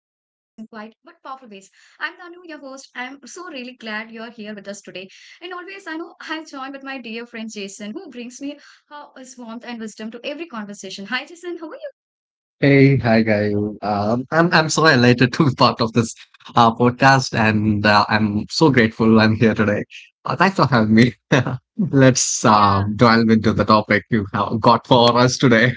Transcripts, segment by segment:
I'm Danu, your host. I'm so really glad you're here with us today. And always, I know I've joined with my dear friend Jason, who brings me his warmth and wisdom to every conversation. Hi, Jason, how are you? Hey, hi guys. I'm so elated to be part of this podcast, and I'm so grateful I'm here today. Thanks for having me. Let's Yeah. Delve into the topic you have got for us today.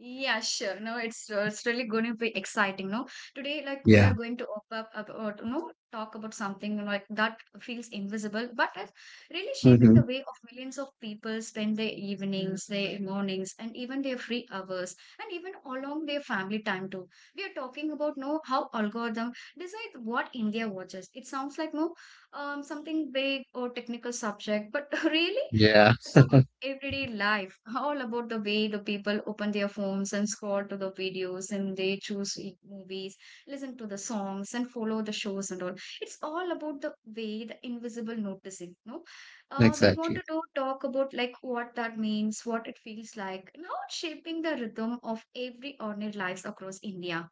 Yeah, sure. No, it's really going to be exciting. No, today, like we are Yeah. going to open up or you know, talk about something like that feels invisible, but it's really shaping hmm the way of millions of people spend their evenings, their mornings, and even their free hours, and even along their family time too. We are talking about no how algorithm decide what India watches. It sounds like no, something big or technical subject, but really, Yeah. it's about everyday life, all about the way the people open their phones and scroll to the videos and they choose movies, listen to the songs and follow the shows and all. It's all about the way the invisible noticing. No, we want to Exactly. do talk about like what that means, what it feels like, and how it's shaping the rhythm of every ordinary lives across India.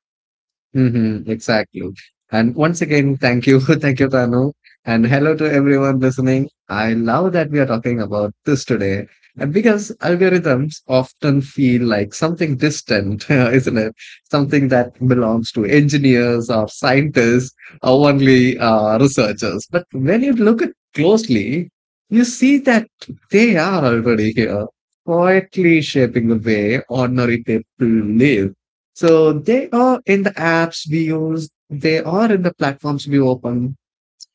Mm-hmm, exactly. And once again, thank you. Thank you, Tanu. And hello to everyone listening. I love that we are talking about this today. And because algorithms often feel like something distant, isn't it? Something that belongs to engineers or scientists or only researchers. But when you look at closely, you see that they are already here, quietly shaping the way ordinary people live, so they are in the apps we use, they are in the platforms we open,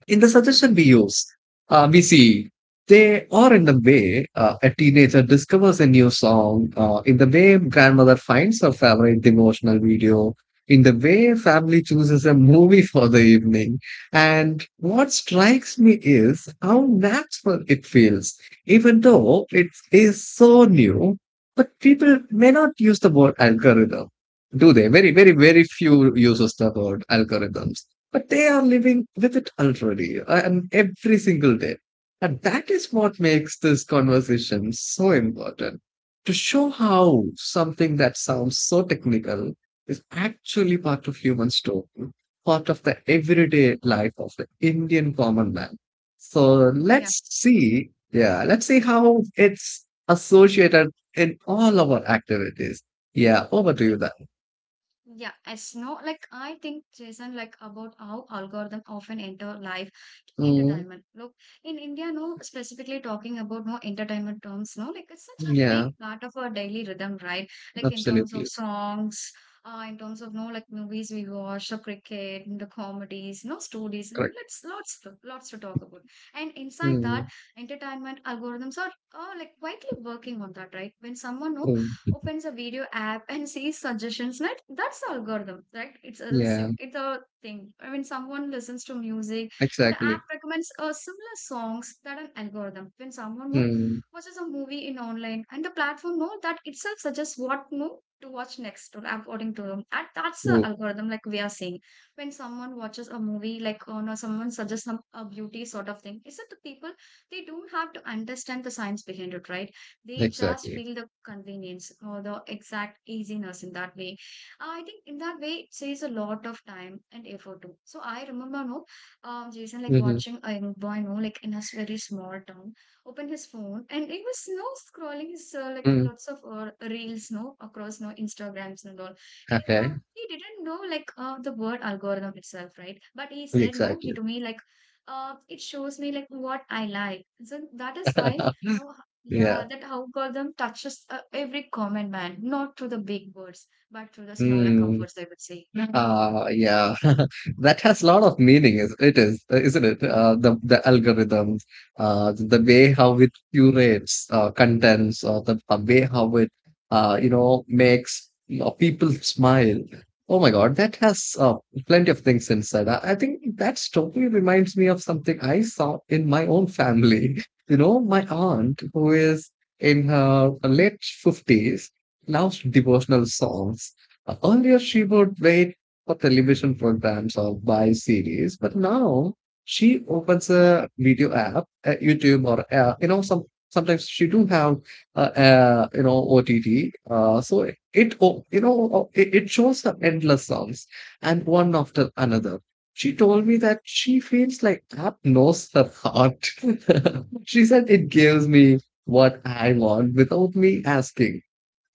in the suggestion we use, we see they are in the way a teenager discovers a new song, in the way grandmother finds her favorite devotional video, in the way family chooses a movie for the evening. And what strikes me is how natural it feels, even though it is so new. But people may not use the word algorithm, do they? Very, very, very few uses the word algorithms, but they are living with it already and every single day. And that is what makes this conversation so important, to show how something that sounds so technical is actually part of human story, part of the everyday life of the Indian common man. So Yeah. let's see, yeah, let's see how it's associated in all our activities. Yeah, over to you then. Yeah, as no, like I think, Jason, like about how algorithm often enter life Mm, entertainment. Look, in India, no, specifically talking about no entertainment terms, no, like it's such a big yeah, part of our daily rhythm, right? Like in terms of absolutely songs, in terms of no, like movies we watch, the cricket, and the comedies, no stories, and correct. Lots to talk about. And inside that, Mm. entertainment algorithms are like quietly working on that, right? When someone no Mm, opens a video app and sees suggestions, right? That's the algorithm, right? It's a yeah, it's a thing. I mean, someone listens to music and the exactly. app recommends similar songs. That an algorithm, when someone who Mm, watches a movie in online and the platform know that itself suggests what move to watch next according to them, and that's the mm, algorithm like we are seeing when someone watches a movie like or no, someone suggests some a beauty sort of thing, is it. The people, they don't have to understand the science behind it, right? They just exactly. feel the convenience or the exact easiness in that way. I think in that way it saves a lot of time and effort too. So I remember no, Jason, like Mm-hmm. watching a young boy no like in a very small town, open his phone, and he was no scrolling his like Mm, lots of reels no across no Instagrams and all. He didn't okay, know, he didn't know like the word algorithm itself, right? But he said no exactly. he to me like it shows me like what I like. So that is why no, yeah, Yeah. that algorithm touches every common man, not through the big words, but through the smaller Mm. comforts, I would say. Yeah. Yeah, that has a lot of meaning, is it is, isn't it? The algorithm, the way how it curates contents, or the way how it, you know, makes, you know, people smile. Oh my God, that has plenty of things inside. I think that story reminds me of something I saw in my own family. You know, my aunt, who is in her late 50s, loves devotional songs. Earlier, she would wait for television programs or by series. But now she opens a video app at YouTube or you know, sometimes she do have uh, you know, OTT. So you know, it shows her endless songs and one after another. She told me that she feels like app knows her heart. She said it gives me what I want without me asking.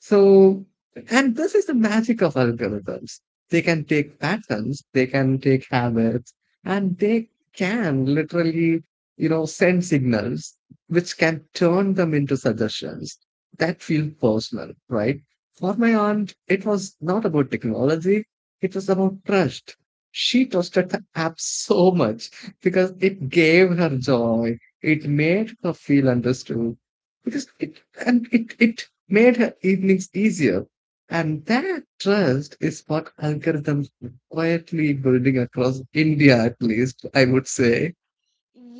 So, and this is the magic of algorithms. They can take patterns, they can take habits, and they can literally, you know, send signals which can turn them into suggestions that feel personal, right? For my aunt, it was not about technology, it was about trust. She trusted the app so much because it gave her joy, it made her feel understood because it and it it made her evenings easier, and that trust is what algorithms are quietly building across India, at least, I would say.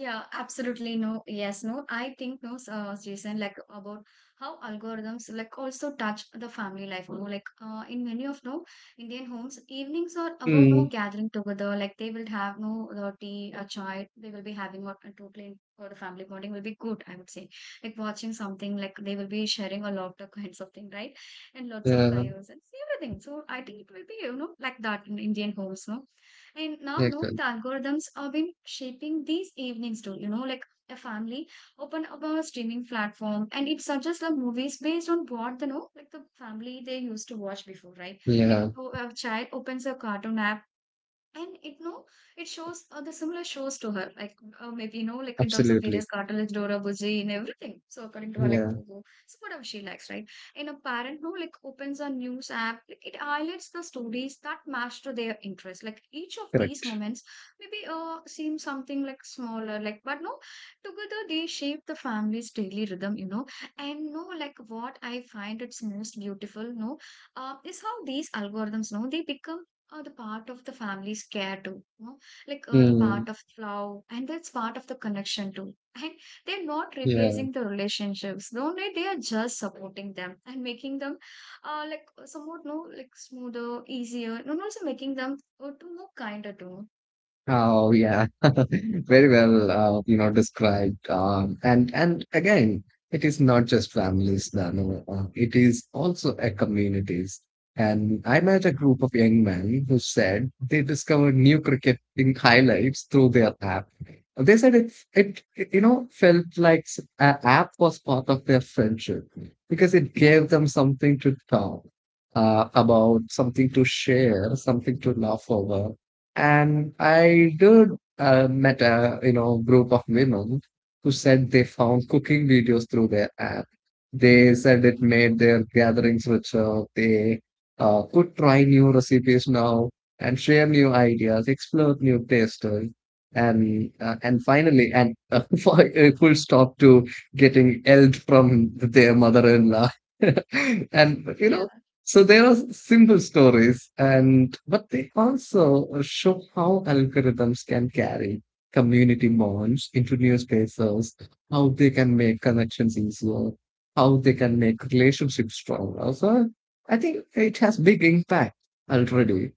Yeah, absolutely no. Yes, no. I think no, Jason, like about how algorithms like also touch the family life. No, like in many of no Indian homes, evenings are about no Mm, gathering together. Like they will have no the tea, a chai. They will be having what a totally or the family bonding will be good. I would say like watching something like they will be sharing a lot of kinds of thing, right? And lots of yeah, chaos and everything. So I think it will be you know like that in Indian homes. No, and now, yeah, no, the algorithms have been shaping these evenings too. You know, like a family open up a streaming platform and it suggests the movies based on what the know, like the family they used to watch before, right? Like yeah, oh, a child opens a cartoon app and it no it shows the similar shows to her like maybe you know like in terms of various absolutely. cartilage dora buji and everything, so according to her like Yeah, pogo, so whatever she likes, right? And a parent no like opens a news app like it highlights the stories that match to their interest. Like each of these correct. moments maybe seem something like smaller, like, but no, together they shape the family's daily rhythm, you know. And no like what I find it's most beautiful no, is how these algorithms no, they become the part of the family's care too, you know, like the Mm, part of love and that's part of the connection too. And they're not yeah. replacing the relationships only, they are just supporting them and making them somewhat no like smoother, easier, and also making them to more kinder too. Oh yeah, very well, you know, described. And again, it is not just families, Dano. It is also a communities. And I met a group of young men who said they discovered new cricketing highlights through their app. They said it, you know, felt like an app was part of their friendship because it gave them something to talk about, something to share, something to laugh over, and I did met a, you know, group of women who said they found cooking videos through their app. They said it made their gatherings richer. They could try new recipes now and share new ideas, explore new tastes, and finally and for a full stop to getting yelled from their mother-in-law. And you Yeah. know, so there are simple stories, and but they also show how algorithms can carry community bonds into new spaces, how they can make connections easier, how they can make relationships stronger. So I think it has big impact already,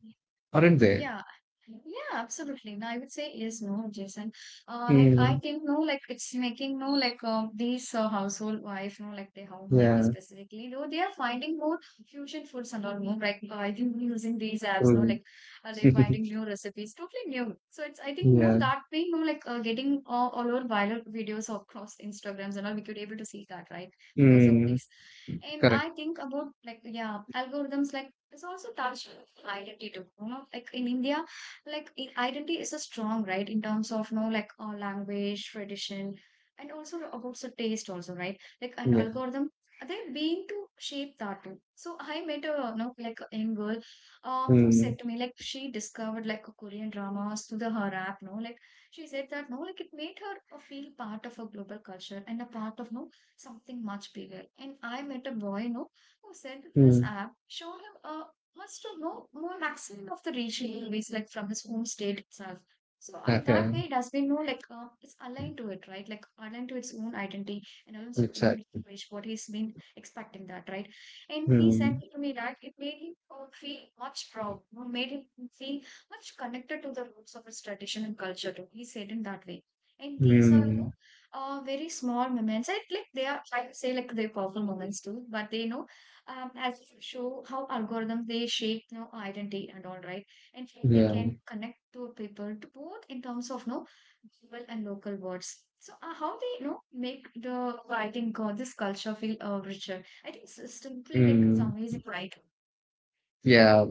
aren't they? Yeah, yeah, absolutely. No, I would say yes, no, Jason. Like I Mm, think no, like it's making no, like these household wife, no, like the homemaker yeah. specifically, though they are finding more fusion foods and all, no, like I think using these apps, no, Mm. like they're finding new recipes, totally new. So it's I think no, Yeah. that way, no, like getting all over viral videos across Instagrams and all, we could able to see that, right? Because of Mm, this. And correct. I think about like yeah, algorithms like it's also touched with identity too. You know, like in India, like identity is a strong right in terms of you know like language, tradition, and also about the taste also, right? Like an Yeah. algorithm, they're being to shape that too. So I met a you know like a young girl, who Mm, said to me like she discovered like Korean dramas through the her app. No, like she said that no, like it made her feel part of a global culture and a part of no something much bigger. And I met a boy, no, who said this mm. app showed him a much to know more maximum of the regional movies like from his home state itself. So I, that way Okay. it has been no like it's aligned to it, right? Like aligned to its own identity and aligned to its own Exactly. language, what he's been expecting that, right? And he said Mm, to me that it made him feel much proud, made him feel much connected to the roots of his tradition and culture too. He said in that way. And these are you mm. know, very small moments. I like they are, I would say like they're powerful moments too, but they you know, as to show how algorithms they shape you know identity and all, right? And how they Yeah. can connect to people to both in terms of no global and local words. So how they you know make the writing or this culture feel richer, I think it's simply like it's Mm. amazing, right? Yeah,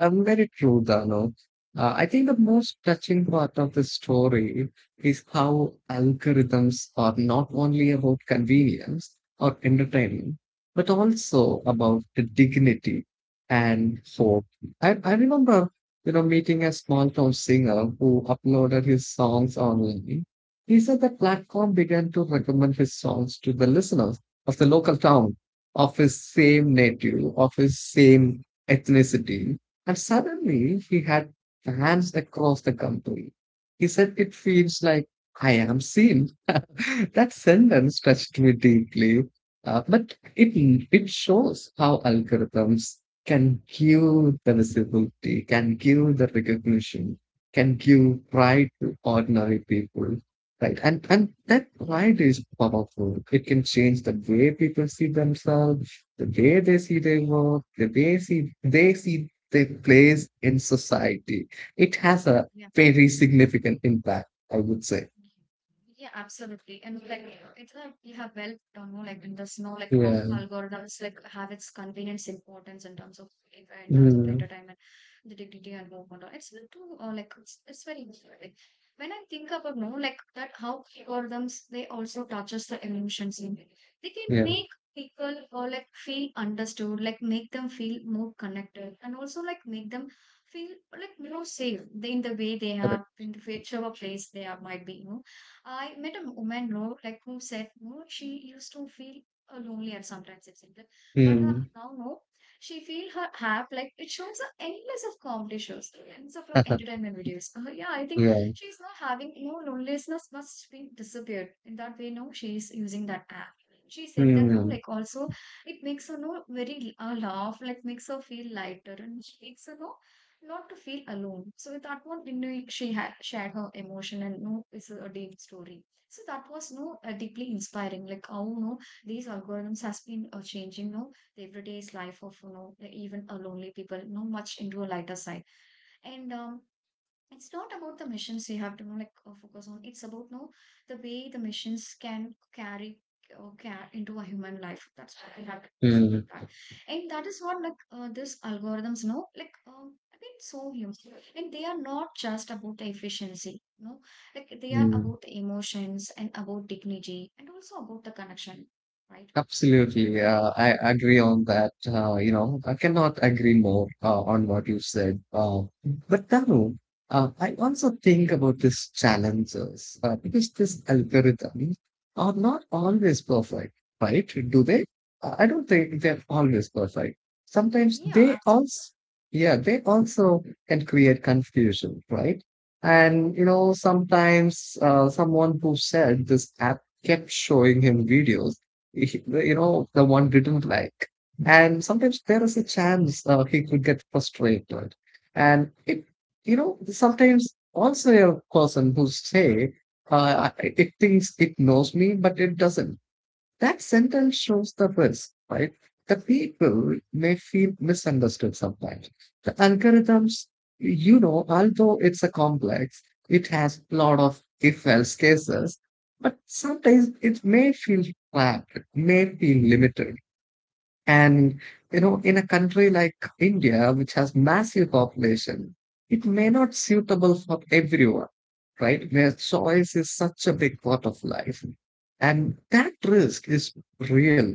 very true, Dano. I think the most touching part of the story is how algorithms are not only about convenience or entertainment, but also about the dignity and hope. I remember, you know, meeting a small town singer who uploaded his songs online. He said the platform began to recommend his songs to the listeners of the local town, of his same native, of his same ethnicity, and suddenly he had fans across the country. He said, "It feels like I am seen." That sentence touched me deeply, but it shows how algorithms can give the visibility, can give the recognition, can give pride to ordinary people. Right. And that Yeah. pride is powerful. It can change the way people see themselves, the way they see their work, the way they see their place in society. It has a Yeah. very significant impact, I would say. Yeah, absolutely. And like it's a you have well done, no, like in the snow, like how Yeah. algorithms like have its convenience importance in terms of if in terms of Mm. entertainment, the dignity and movement. It's too it's very like when I think about no, like that how algorithms they also touches the emotions in it. They can Yeah. make people or like feel understood, like make them feel more connected, and also like make them feel like you know safe in the way they Correct. are, in the whichever place they are might be you know. I met a woman you know like who said you know she used to feel lonely at sometimes it seemed like, but her Mm. now no she feel her app like it shows her endless of comedy shows, endless of entertainment videos. Yeah, I think Yeah. she's not having you know loneliness must be disappeared in that way no she's using that app. She said that no Mm. like also it makes her no very laugh like makes her feel lighter and makes her no not to feel alone. So with that one, you know, she had shared her emotion and no, it's a deep story. So that was no deeply inspiring. Like how no these algorithms has been changing no the everyday's life of you know like even a lonely people no much into a lighter side. And It's not about the missions you have to know, like focus on. It's about no, the way the missions can carry or into a human life. That's what we have to see on Mm. that. And that is what like this algorithms know like I mean so human, and they are not just about the efficiency no, like they are Mm. about the emotions and about dignity and also about the connection, right. Absolutely. I agree on that. You know, I cannot agree more on what you said. But Tanu, I also think about these challenges because these algorithms are not always perfect, right? Do they? I don't think they're always perfect. Sometimes Yeah, they absolutely. also, yeah, they also can create confusion, right? And, you know, sometimes someone who said this app kept showing him videos you know, the one didn't like. And sometimes there is a chance he could get frustrated. And it, you know, sometimes also a person who say, it thinks it knows me, but it doesn't. That sentence shows the risk, right? The people may feel misunderstood sometimes. The algorithms, you know, although it's a complex, it has a lot of if-else cases, but sometimes it may feel trapped, it may feel limited. And, you know, in a country like India, which has massive population, it may not suitable for everyone, right? Where choice is such a big part of life. And that risk is real.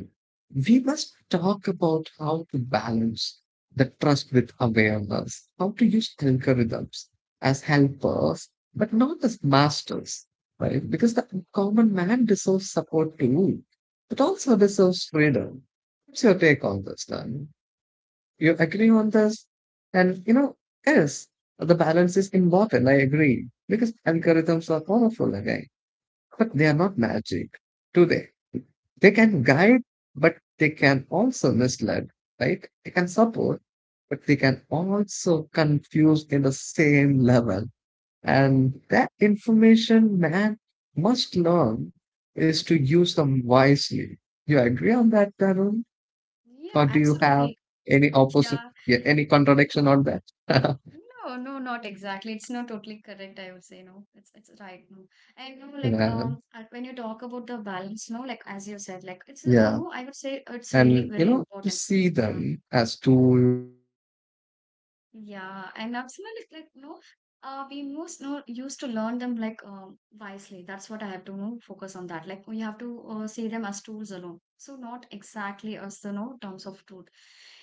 We must talk about how to balance the trust with awareness, how to use algorithms as helpers, but not as masters, right? Because the common man deserves support too, but also deserves freedom. What's your take on this then? You agree on this? And you know, yes, the balance is important. I agree because algorithms are powerful again, but they are not magic, do they? They can guide, but they can also mislead, right? They can support, but they can also confuse in the same level. And that information man must learn is to use them wisely. You agree on that, Tarun? Yeah, Or do you have absolutely. any opposite, Yeah. yeah, any contradiction on that? No, no, not exactly. It's not totally correct, I would say, no. It's right, no. And you know, like Yeah, when you talk about the balance, no, like as you said, like it's yeah. No, I would say it's really And, you very know, to important. see Yeah. them as tools, not as tools. I Yeah, and think, absolutely, like, uh, no, we most know used to learn them like wisely. That's what I have to know, focus on that. Like, we have to see them as tools alone. So, not exactly as the no terms of truth.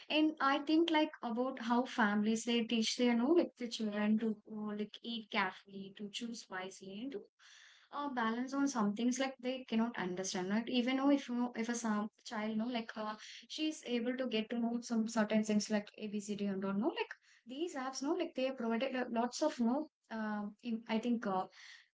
And I think like about how families they teach their no like the children to like eat carefully, to choose wisely, and to balance on some things like they cannot understand. Right? Even though if you know, if a some child know like she's able to get to know some certain things like ABCD and all, no like these apps no like they provided lots of no in, I think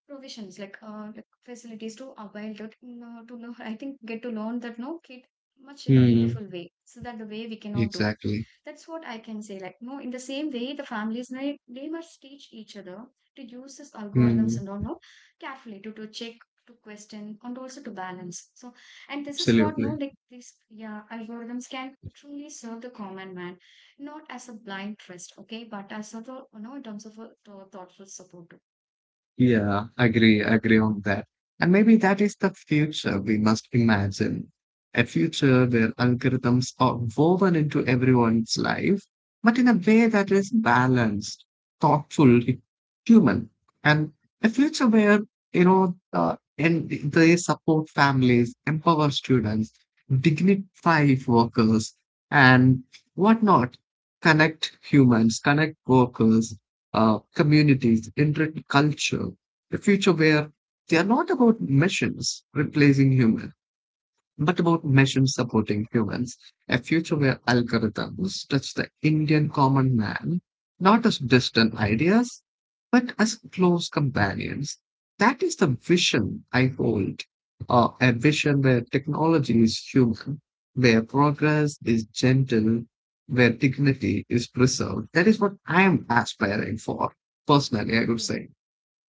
provisions like facilities to avail it no, to know I think get to learn that no kid much in a hmm, beautiful way, so that the way we cannot do exactly. that's what I can say. Like, no, in the same way, the families may they must teach each other to use these algorithms Hmm, and all no carefully to check, to question, and also to balance. So, and this is what absolutely. no like these yeah algorithms can truly serve the common man, not as a blind trust, okay, but as a you know in terms of a thoughtful support. Yeah, agree, agree on that. And maybe that is the future we must imagine. A future where algorithms are woven into everyone's life, but in a way that is balanced, thoughtful, human. And a future where, you know, and they support families, empower students, dignify workers, and whatnot. Connect humans, connect workers, communities, intricate culture, a future where they are not about machines replacing humans, but about machines supporting humans, a future where algorithms touch the Indian common man, not as distant ideas, but as close companions. That is the vision I hold, a vision where technology is human, where progress is gentle, where dignity is preserved. That is what I am aspiring for, personally, I would say.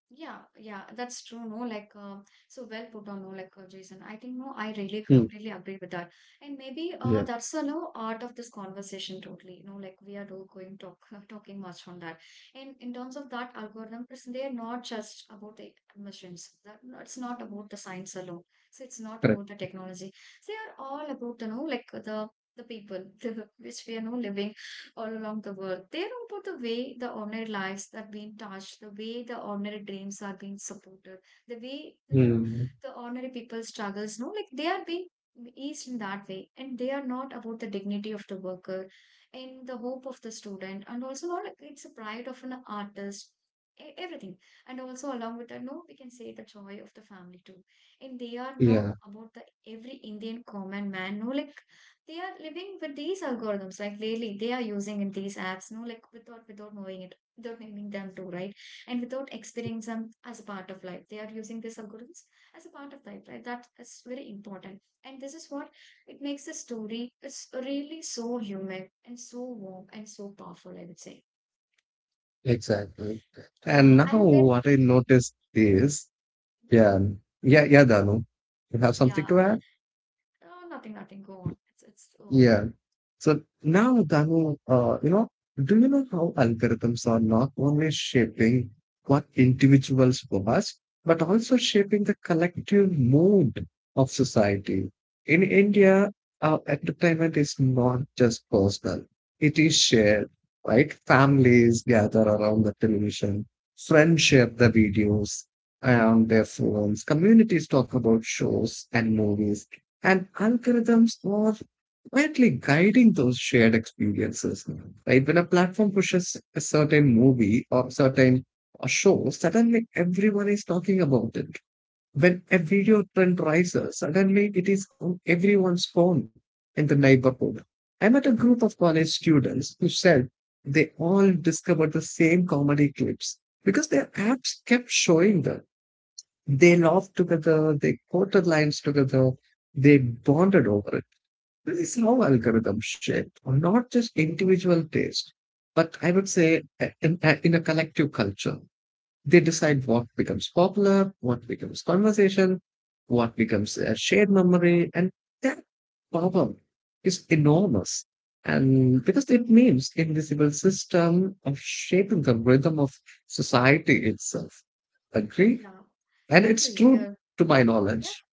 Yeah, yeah, that's true. No, like, so well put on, no, like, Jason. I think, no, I really completely agree with that. And maybe Yeah. That's the no art of this conversation totally. You know, like, we are not going talk talking much on that. And in terms of that algorithm, it's, they're not just about the machines. That, no, it's not about the science alone. So it's not Correct. about the technology. They are all about the, no, like, the people which we are no living all along the world. They are about the way the ordinary lives are being touched, the way the ordinary dreams are being supported, the way you know Hmm. the ordinary people struggles. No, like they are being eased in that way, and they are not about the dignity of the worker and the hope of the student, and also not like it's a pride of an artist. Everything, and also along with that, no, we can say the joy of the family too. And they are not Yeah. about the every Indian common man, no, like they are living with these algorithms like really they are using in these apps no like without knowing it, without knowing them too, right. And without experiencing them as a part of life, they are using these algorithms as a part of life, right. That is very important. And this is what it makes the story, it's really so human and so warm and so powerful, I would say. Exactly. And Yeah, now and when what I noticed is, yeah, yeah, yeah, Danu, you have something yeah, to add? oh, nothing go on, it's okay. Yeah. So now, Danu, you know, do you know how algorithms are not only shaping what individuals was, but also shaping the collective mood of society? In India, our entertainment is not just personal, it is shared, right? Families gather around the television, friends share the videos on their phones, communities talk about shows and movies, and algorithms are quietly guiding those shared experiences. Right? When a platform pushes a certain movie or certain show, suddenly everyone is talking about it. When a video trend rises, suddenly it is on everyone's phone in the neighborhood. I met a group of college students who said they all discovered the same comedy clips because their apps kept showing them. They laughed together, they quoted lines together, they bonded over it. This is how algorithms shape not just individual taste, but I would say in a collective culture. They decide what becomes popular, what becomes conversation, what becomes a shared memory, and that problem is enormous. And because it means invisible system of shaping the rhythm of society itself. Agree? Yeah, And it's agree, true yeah, to my yeah. knowledge.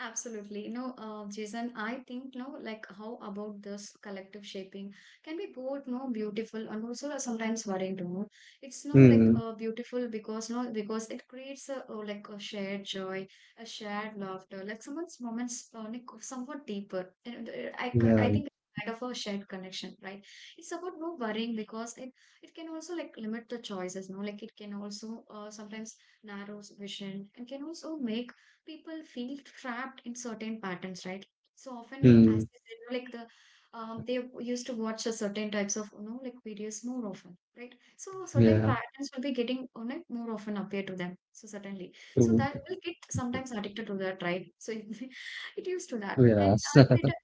Absolutely. No, Jason, I think, no, like how about this collective shaping can be both, no, beautiful and also sometimes worrying too, no? It's no like Mm, beautiful because, no, because it creates a, like a shared joy, a shared laughter, like someone's moments, like somewhat deeper. And I yeah. think it's kind of a shared connection, right? It's about no worrying because it can also like limit the choices, no, like it can also sometimes narrows vision and can also make people feel trapped in certain patterns, right? So often, as Mm, I said, like the they used to watch a certain types of you know like videos more often, right? So certain yeah. patterns will be getting you know, like more often appear to them. So certainly, so True. that will get sometimes addicted to that, right? So it used to that, and Yeah. I met a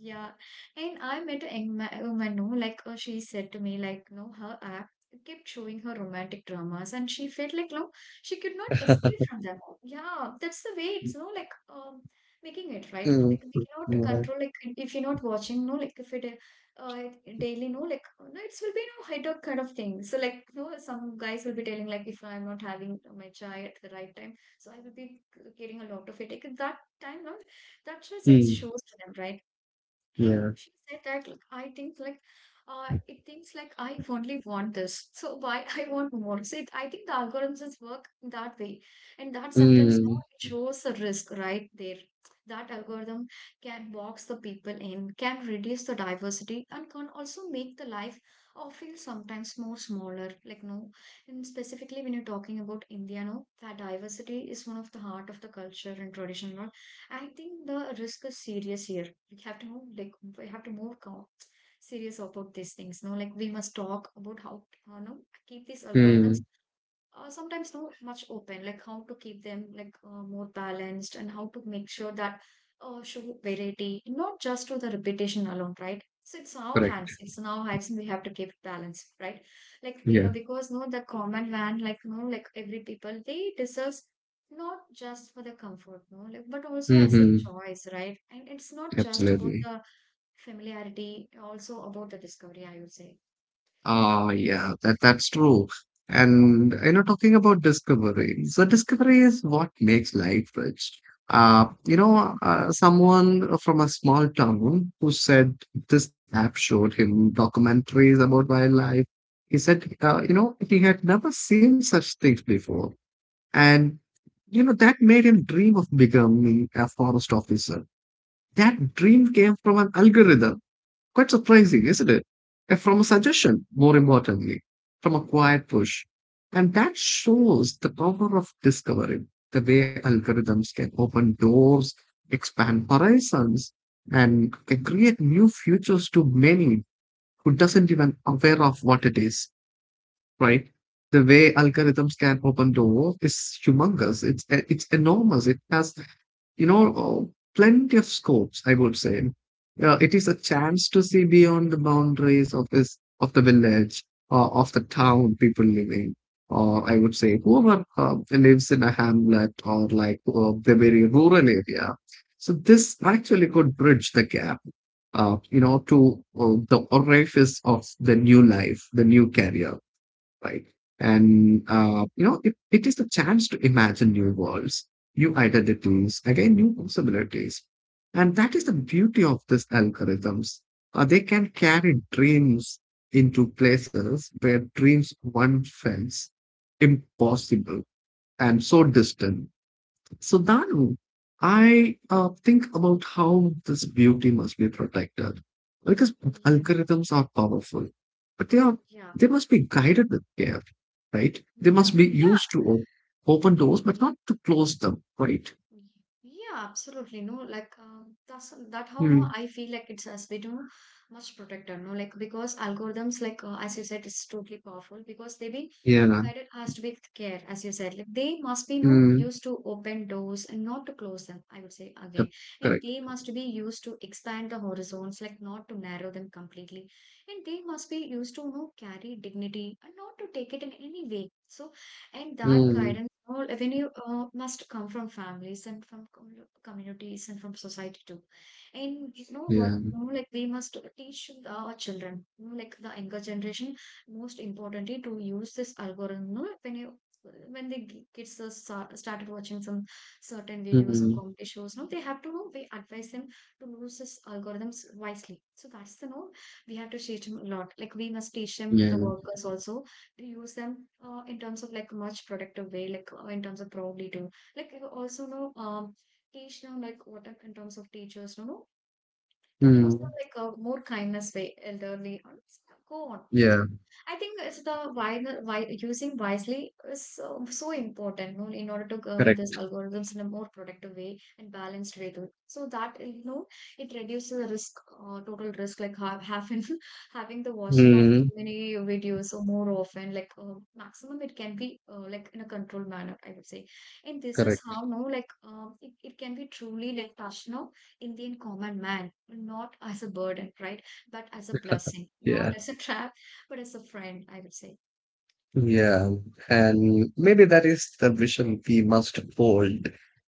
yeah, and I met a young woman, no, like she said to me, like, no, her app kept showing her romantic dramas, and she felt like, no, she could not escape from them. Yeah, that's the way it's no like making it, right. Mm, Like we cannot mm, control, like if you're not watching no like if it uh daily no like no it will be no high dog kind of thing. So like no some guys will be telling like if I'm not having my chai at the right time, so I will be getting a lot of headache at that time, no, that just it mm, shows to them, right. And yeah. she said that like I think like it thinks like I only want this. So why I want more. So it, I think the algorithms is work that way. And that sentence now Mm, it shows the risk right there. That algorithm can box the people in, can reduce the diversity and can also make the life or feel sometimes more smaller. Like no, and specifically when you're talking about India, no, that diversity is one of the heart of the culture and tradition, no? I think the risk is serious here. We have to move serious about these things. No, like we must talk about how you know keep these algorithms mm, sometimes not much open, like how to keep them like more balanced and how to make sure that show variety not just to the repetition alone, right. So correct. It's in our hands, and we have to keep it balanced, right. Like we Yeah. Because no the common man like no like every people they deserves not just for the comfort no like but also as a Mm-hmm. choice, right. And it's not just about Absolutely. the familiarity, also about the discovery, I would say. Ah, yeah, that's true. And talking about discovery, so discovery is what makes life rich. Someone from a small town who said this app showed him documentaries about wildlife. He said, he had never seen such things before. And, that made him dream of becoming a forest officer. That dream came from an algorithm. Quite surprising, isn't it? And from a suggestion, more importantly, from a quiet push. And that shows the power of discovery, the way algorithms can open doors, expand horizons, and can create new futures to many who doesn't even aware of what it is, right? The way algorithms can open doors is humongous. It's enormous. It has, you know, uh, plenty of scopes. I would say, it is a chance to see beyond the boundaries of this of the village or of the town people living. Or I would say, whoever lives in a hamlet or like the very rural area. So this actually could bridge the gap, you know, to the orifice of the new life, the new career, right? And it is the chance to imagine new worlds, new identities, again, new possibilities. And that is the beauty of these algorithms. They can carry dreams into places where dreams once felt impossible and so distant. So, Danu, I think about how this beauty must be protected because Yeah, algorithms are powerful, but they are yeah. they must be guided with care, right? They Yeah, must be yeah. used to open doors, but not to close them, right? Y- Yeah, absolutely. No, like that's that how no Mm. I feel like it's as we do much protected. No, like because algorithms, like as you said, it's totally powerful because they be Yeah. guided asked with care, as you said, like they must be no Mm. used to open doors and not to close them, I would say Yep. again. Correct. And they must be used to expand the horizons, like not to narrow them completely, and they must be used to no carry dignity and not to take it in any way. So, and that Mm. guidance. All avenue, you must come from families and from communities and from society too, and you know what, Yeah. you know, like we must teach the, our children, you know, like the younger generation most importantly to use this algorithm. You know, when you when the kids are started watching some certain videos or Mm. comedy shows no, they have to know we advise them to use this algorithms wisely. So that's the no we have to teach them a lot, like we must teach them the Yeah. workers also to use them in terms of like much productive way, like in terms of probably to like also know teach them like what are- in terms of teachers you know to use them Mm. like a more kindness way, elderly. Or s- Go on. So Yeah. I think it's the why using wisely is so, so important, you know, in order to govern these Correct. algorithms in a more productive way and balanced way too. So that you know it reduces the risk, total risk, like having having the watching of Mm. so many videos or more often, like maximum it can be like in a controlled manner, I would say. And this is Correct. how no like it can be truly like touch now Indian common man, not as a burden, right? But as a blessing, not Yeah. as a trap, but as a friend, I would say. Yeah, and maybe that is the vision we must hold,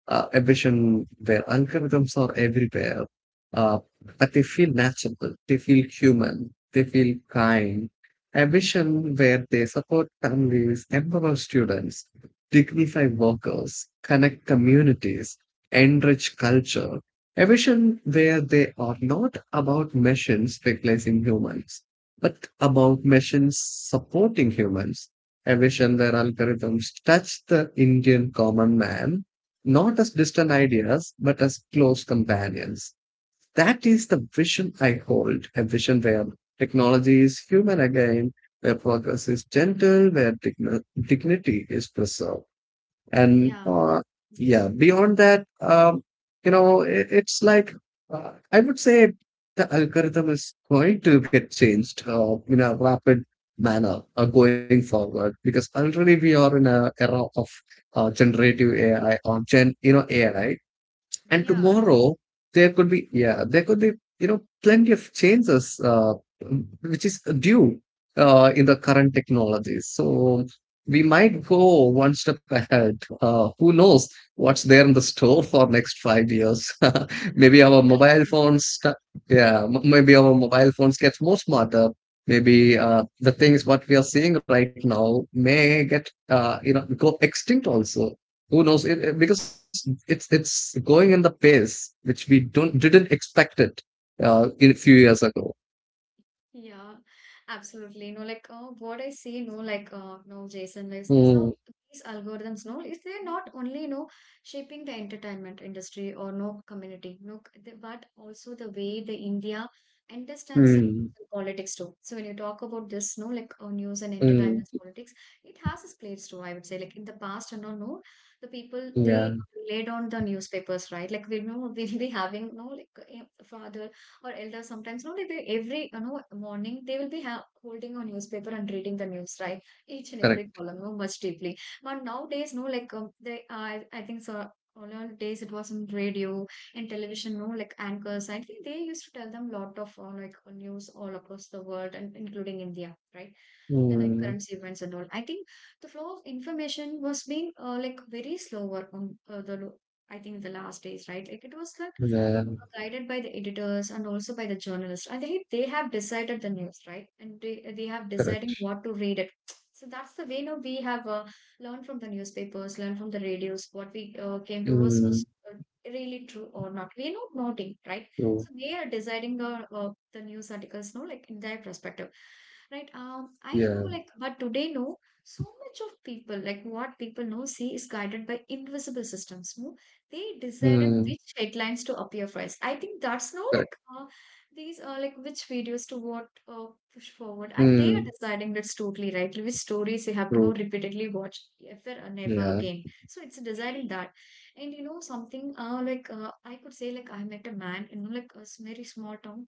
a vision where algorithms are everywhere, uh, but they feel natural, they feel human, they feel kind. A vision where they support families, empower students, dignify workers, connect communities, enrich culture. A vision where they are not about machines replacing humans, but about machines supporting humans evasion, their algorithms touch the Indian common man not as distant ideas, but as close companions. That is the vision I hold, a vision where technology is human again, where progress is gentle, where dignity is preserved and Yeah. Yeah beyond that it, it's like I would say the algorithm is going to get changed in a rapid manner going forward because already we are in a era of generative AI or gen AI and tomorrow there could be plenty of changes which is due in the current technologies. So we might go one step ahead. Who knows what's there in the store for next 5 years? maybe our mobile Yeah, phones, sta- Yeah, maybe our mobile phones get more smarter. Maybe the things what we are seeing right now may get go extinct also, who knows, because it's going in the pace which we don't didn't expect it in a few years ago. yeah, absolutely. No, like what I see, no, like no, Jason, like Mm, so these algorithms, no, is they're not only you know shaping the entertainment industry or no community, no, but also the way the India understands the mm, politics too. So when you talk about this, no, like news and mm, entertainment politics, it has its place too. I would say, like in the past and all, no, the people yeah, they relied on the newspapers, right? Like we know we'll be having no, like father or elders sometimes, no, like they every you know morning they will be ha holding a newspaper and reading the news, right? Each and every correct. column, no, much deeply. But nowadays, no, like I think so. All our days it was in radio and television, no, like anchors. I think they used to tell them lot of news all across the world and including India, right? Then like Mm, currency events and all. I think the flow of information was being like very slower on I think the last days, right? Like it was like yeah, are guided by the editors and also by the journalists. I think they have decided the news, right? And they have correct. deciding what to read it. So that's the way now we have learned from the newspapers, learned from the radios, what we came to was Mm, uh, really true or not. We are not noting, right? true. So they are deciding the the news articles, no, like in their perspective, right? I know, Yeah. like, but today, no, so much of people, like what people know, see is guided by invisible systems, no? They decided Mm, which headlines to appear first. I think that's no correct. These are like which videos to what push forward, and they are Mm, deciding that's totally right. Which stories you have to true. know repeatedly watch ever and never Yeah. again. So it's deciding that, and you know something I could say like I met a man you know like very small town.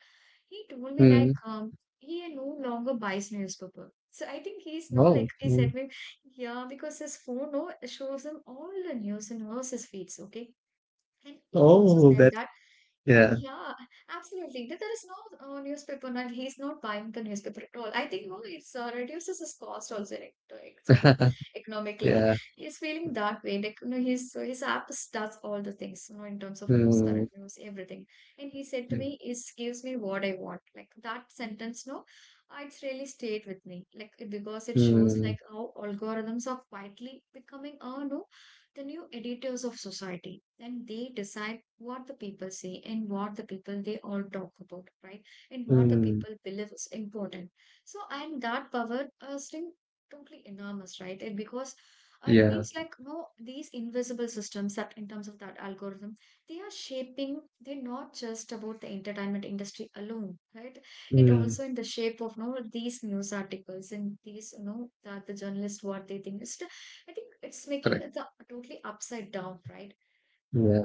He told me Mm, like he no longer buys newspaper. So I think he's no oh. like he Mm, said me yeah, because his phone no shows him all the news and all his feeds, okay? And he also oh, said that. that, Yeah. yeah, absolutely, that there is no newspaper, and he's not buying the newspaper at all. I think no, it's reduces his cost also, like, sort of economically. yeah. He's feeling that way, like you know, his does all the things, you know, in terms of news, Mm, current news, everything. And he said to me, "It gives me what I want." Like that sentence, no, it's really stayed with me, because it shows mm, like how algorithms are quietly becoming, no the new editors of society, and they decide what the people say and what the people they all talk about, right, and what the mm, people believe is important. So and that power still totally enormous, right, and because it yeah. means like no these invisible systems that in terms of that algorithm, they are shaping. They're not just about the entertainment industry alone, right. It Mm, also in the shape of no these news articles and these you know that the journalists what they think is, I think it's correct. making it the totally upside down, right? Yeah.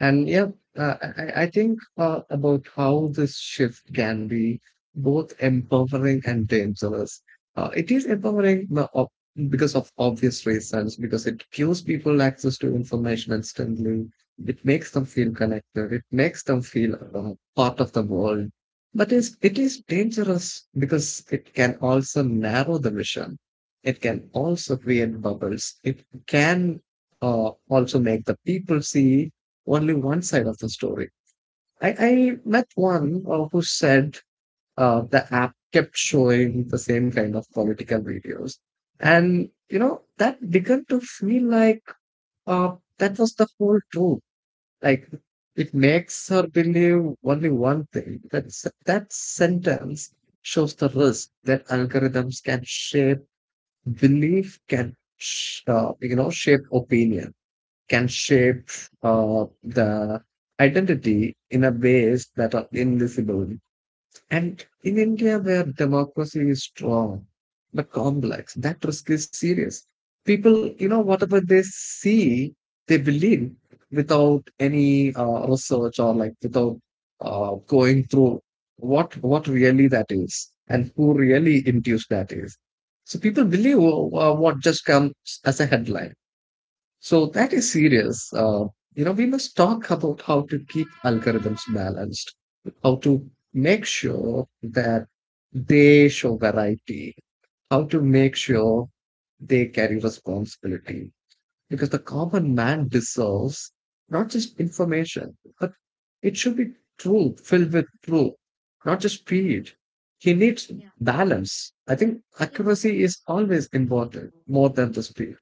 And yeah, I think about how this shift can be both empowering and dangerous. It is empowering because of obvious reasons, because it gives people access to information instantly. It makes them feel connected. It makes them feel part of the world. But it is dangerous because it can also narrow the mission. It can also create bubbles. It can also make the people see only one side of the story. I met one who said the app kept showing the same kind of political videos. And, that began to feel like that was the whole truth. Like, it makes her believe only one thing. That sentence shows the risk that algorithms can shape belief, can, shape opinion can shape the identity in a ways that are invisible. And in India, where democracy is strong but complex, that risk is serious. People, whatever they see, they believe without any research or like without going through what really that is and who really induced that is. So people believe what just comes as a headline so that is serious. We must talk about how to keep algorithms balanced, how to make sure that they show variety, how to make sure they carry responsibility. Because the common man deserves not just information, but it should be true, filled with truth, not just speed. He needs Yeah. balance. I think Yeah. accuracy is always important more than the speed.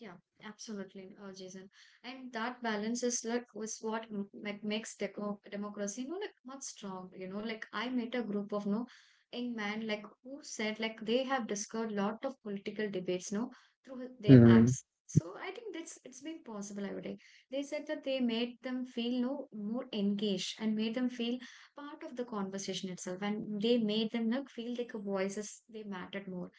Yeah, absolutely, Jason. And that balance is like was what makes deco democracy, you know, like much strong. You know, like I met a group of no young man like who said like they have discovered lot of political debates, no, through their Mm, apps. So I think that's it's been possible. I would say they said that they made them feel no more engaged and made them feel part of the conversation itself, and they made them look feel like a voices they mattered more.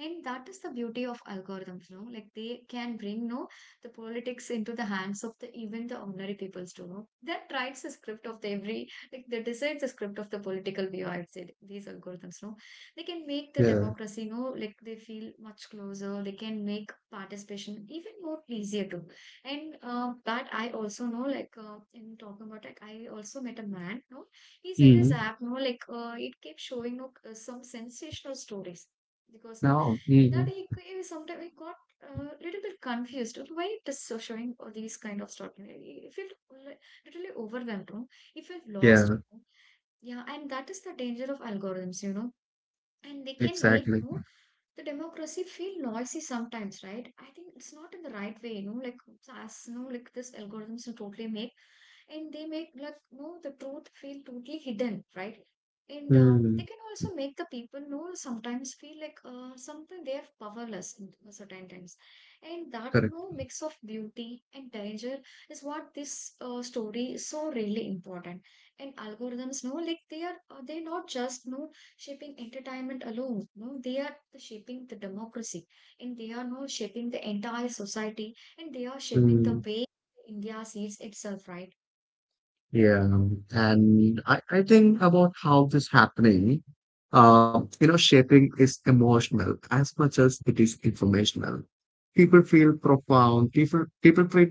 And that is the beauty of algorithms, no? Like they can bring no the politics into the hands of the even the ordinary peoples to know. That writes the script of the every like they decide the script of the political view, I would say these algorithms, no? They can make the yeah. democracy, no, like they feel much closer, they can make participation even more easier too. And that I also know, in talking about like I also met a man, no, he said his app, no, it kept showing no, some sensational stories because no, No. and that Mm. he sometimes he got a little bit confused. Of why it is so showing all these kind of stuff? He felt like, literally overwhelmed. No? He felt lost. Yeah, Yeah, and that is the danger of algorithms, you know, and they can make exactly. you know, the democracy feel noisy sometimes, right. I think it's not in the right way, you know, like as you know like this algorithms will totally make and they make like you know the truth feel totally hidden, right. And they Mm. can also make the people you know sometimes feel like something they are powerless in certain times, and that you Correct. know, mix of beauty and danger is what this story is so really important. And algorithms, you know, like they are they're not just you know shaping entertainment alone. No, they are the shaping the democracy, and they are no shaping the entire society, and they are shaping the Mm. way India sees itself. Right? Yeah. And I think about how this happening, shaping is emotional as much as it is informational. People feel profound. People feel,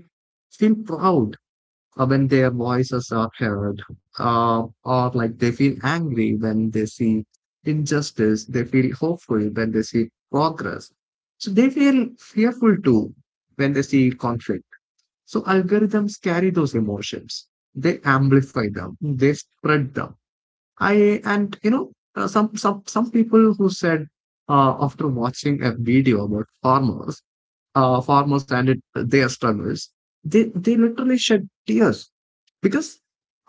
feel proud when their voices are heard, or like they feel angry when they see injustice, they feel hopeful when they see progress. So they feel fearful too when they see conflict. So algorithms carry those emotions, they amplify them, they spread them. I and some people who said after watching a video about farmers, and their struggles, they literally shed tears because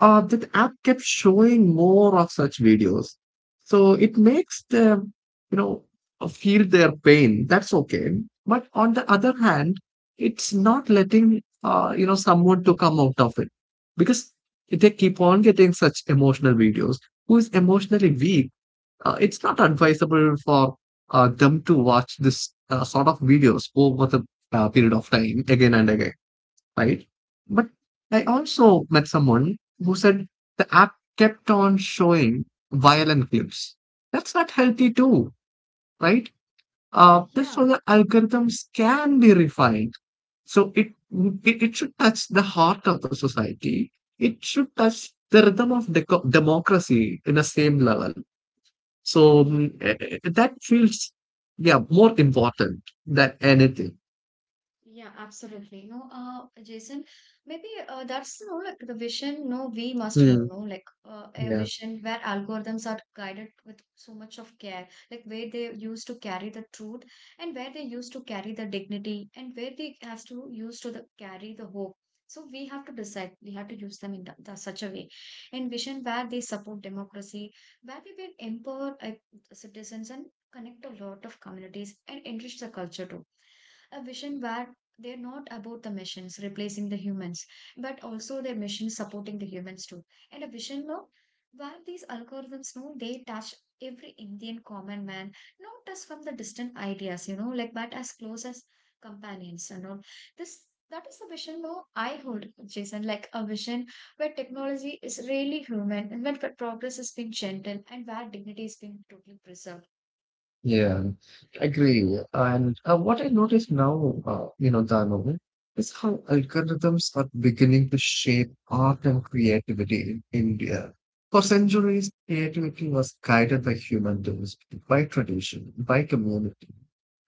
that app kept showing more of such videos. So it makes them, you know, feel their pain. That's okay. But on the other hand, it's not letting, someone to come out of it because they keep on getting such emotional videos. Who is emotionally weak? It's not advisable for them to watch this sort of videos over the period of time again and again, right? But I also met someone who said the app kept on showing violent clips. That's not healthy too, right? That's Yeah, how the algorithms can be refined. So it should touch the heart of the society. It should touch the rhythm of democracy in the same level. So yeah. That feels yeah more important than anything. Yeah, absolutely. No, Jason, maybe that's you know, like the vision. No, we must hold. Hmm. No, a Yeah. vision where algorithms are guided with so much of care, like where they used to carry the truth, and where they used to carry the dignity, and where they have to use to the, carry the hope. So we have to decide. We have to use them in such a way, and vision where they support democracy, where we will empower citizens and connect a lot of communities and enrich the culture too, a vision where they're not about the machines replacing the humans, but also their machines supporting the humans too. And a vision now where these algorithms know they touch every Indian common man, not as from the distant ideas, you know, like but as close as companions and all. This that is a vision though I hold, Jason, like a vision where technology is really human and where progress has been gentle and where dignity has been totally preserved. Yeah, agree. And what I notice now, Dharmavan, is how algorithms are beginning to shape art and creativity in India. For centuries, creativity was guided by human tools, by tradition, by community.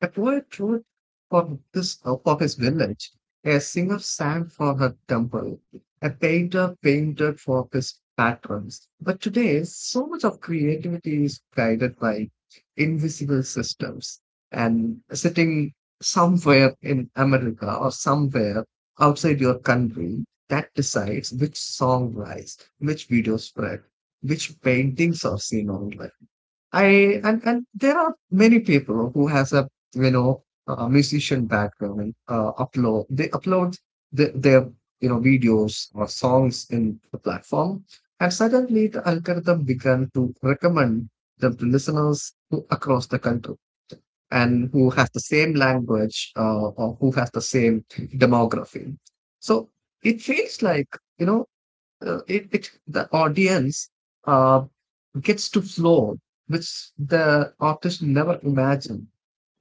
A poet wrote for his village. A singer sang for her temple. A painter painted for his patrons. But today, so much of creativity is guided by invisible systems and sitting somewhere in America or somewhere outside your country that decides which song rise, which video spread, which paintings are seen online. I and there are many people who has a you know a musician background and upload their videos or songs in the platform, and suddenly the algorithm began to recommend them to listeners who, across the country and who has the same language or who has the same demography. So it feels like you know it the audience uh, gets to flow, which the artist never imagined.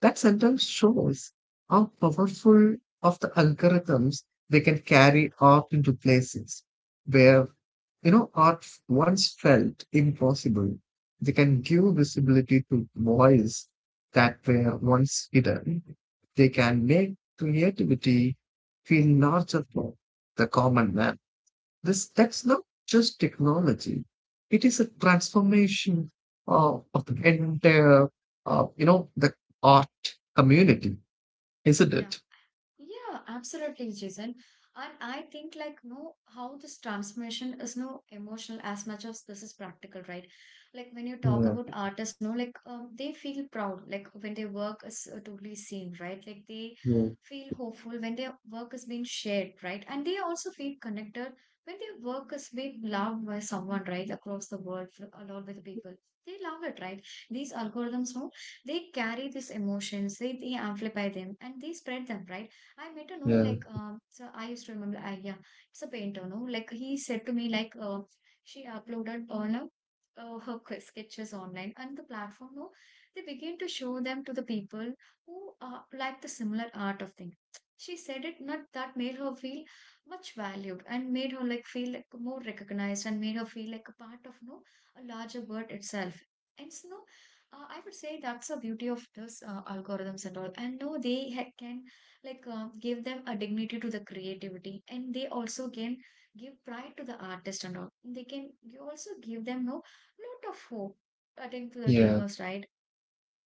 That sentence shows how powerful of the algorithms they can carry art into places where art once felt impossible. They can give visibility to voice that were once hidden. They can make creativity feel larger for the common man. This That's not just technology. It is a transformation of the entire, the art community, isn't Yeah. it? Yeah, absolutely, Jason. And I think like no, how this transformation is no emotional as much as this is practical, right? Like when you talk Yeah, about artists, no, like they feel proud, like when their work is totally seen, right? Like they yeah, feel hopeful when their work is being shared, right? And they also feel connected when their work is being loved by someone, right, across the world, along with the people. They love it, right? These algorithms, no, they carry these emotions, they amplify them, and they spread them, right? I met a no yeah, like so I used to remember I yeah it's a painter no like he said to me like she uploaded on a her sketches online and the platform no they begin to show them to the people who like the similar art of thing. She said it not that made her feel much valued and made her like feel like more recognized and made her feel like a part of no a larger world itself. And so no I would say that's the beauty of this algorithms and all. And no, can give them a dignity to the creativity, and they also can give pride to the artist, and all they can you also give them no lot of hope I to the yeah, dreamers, right.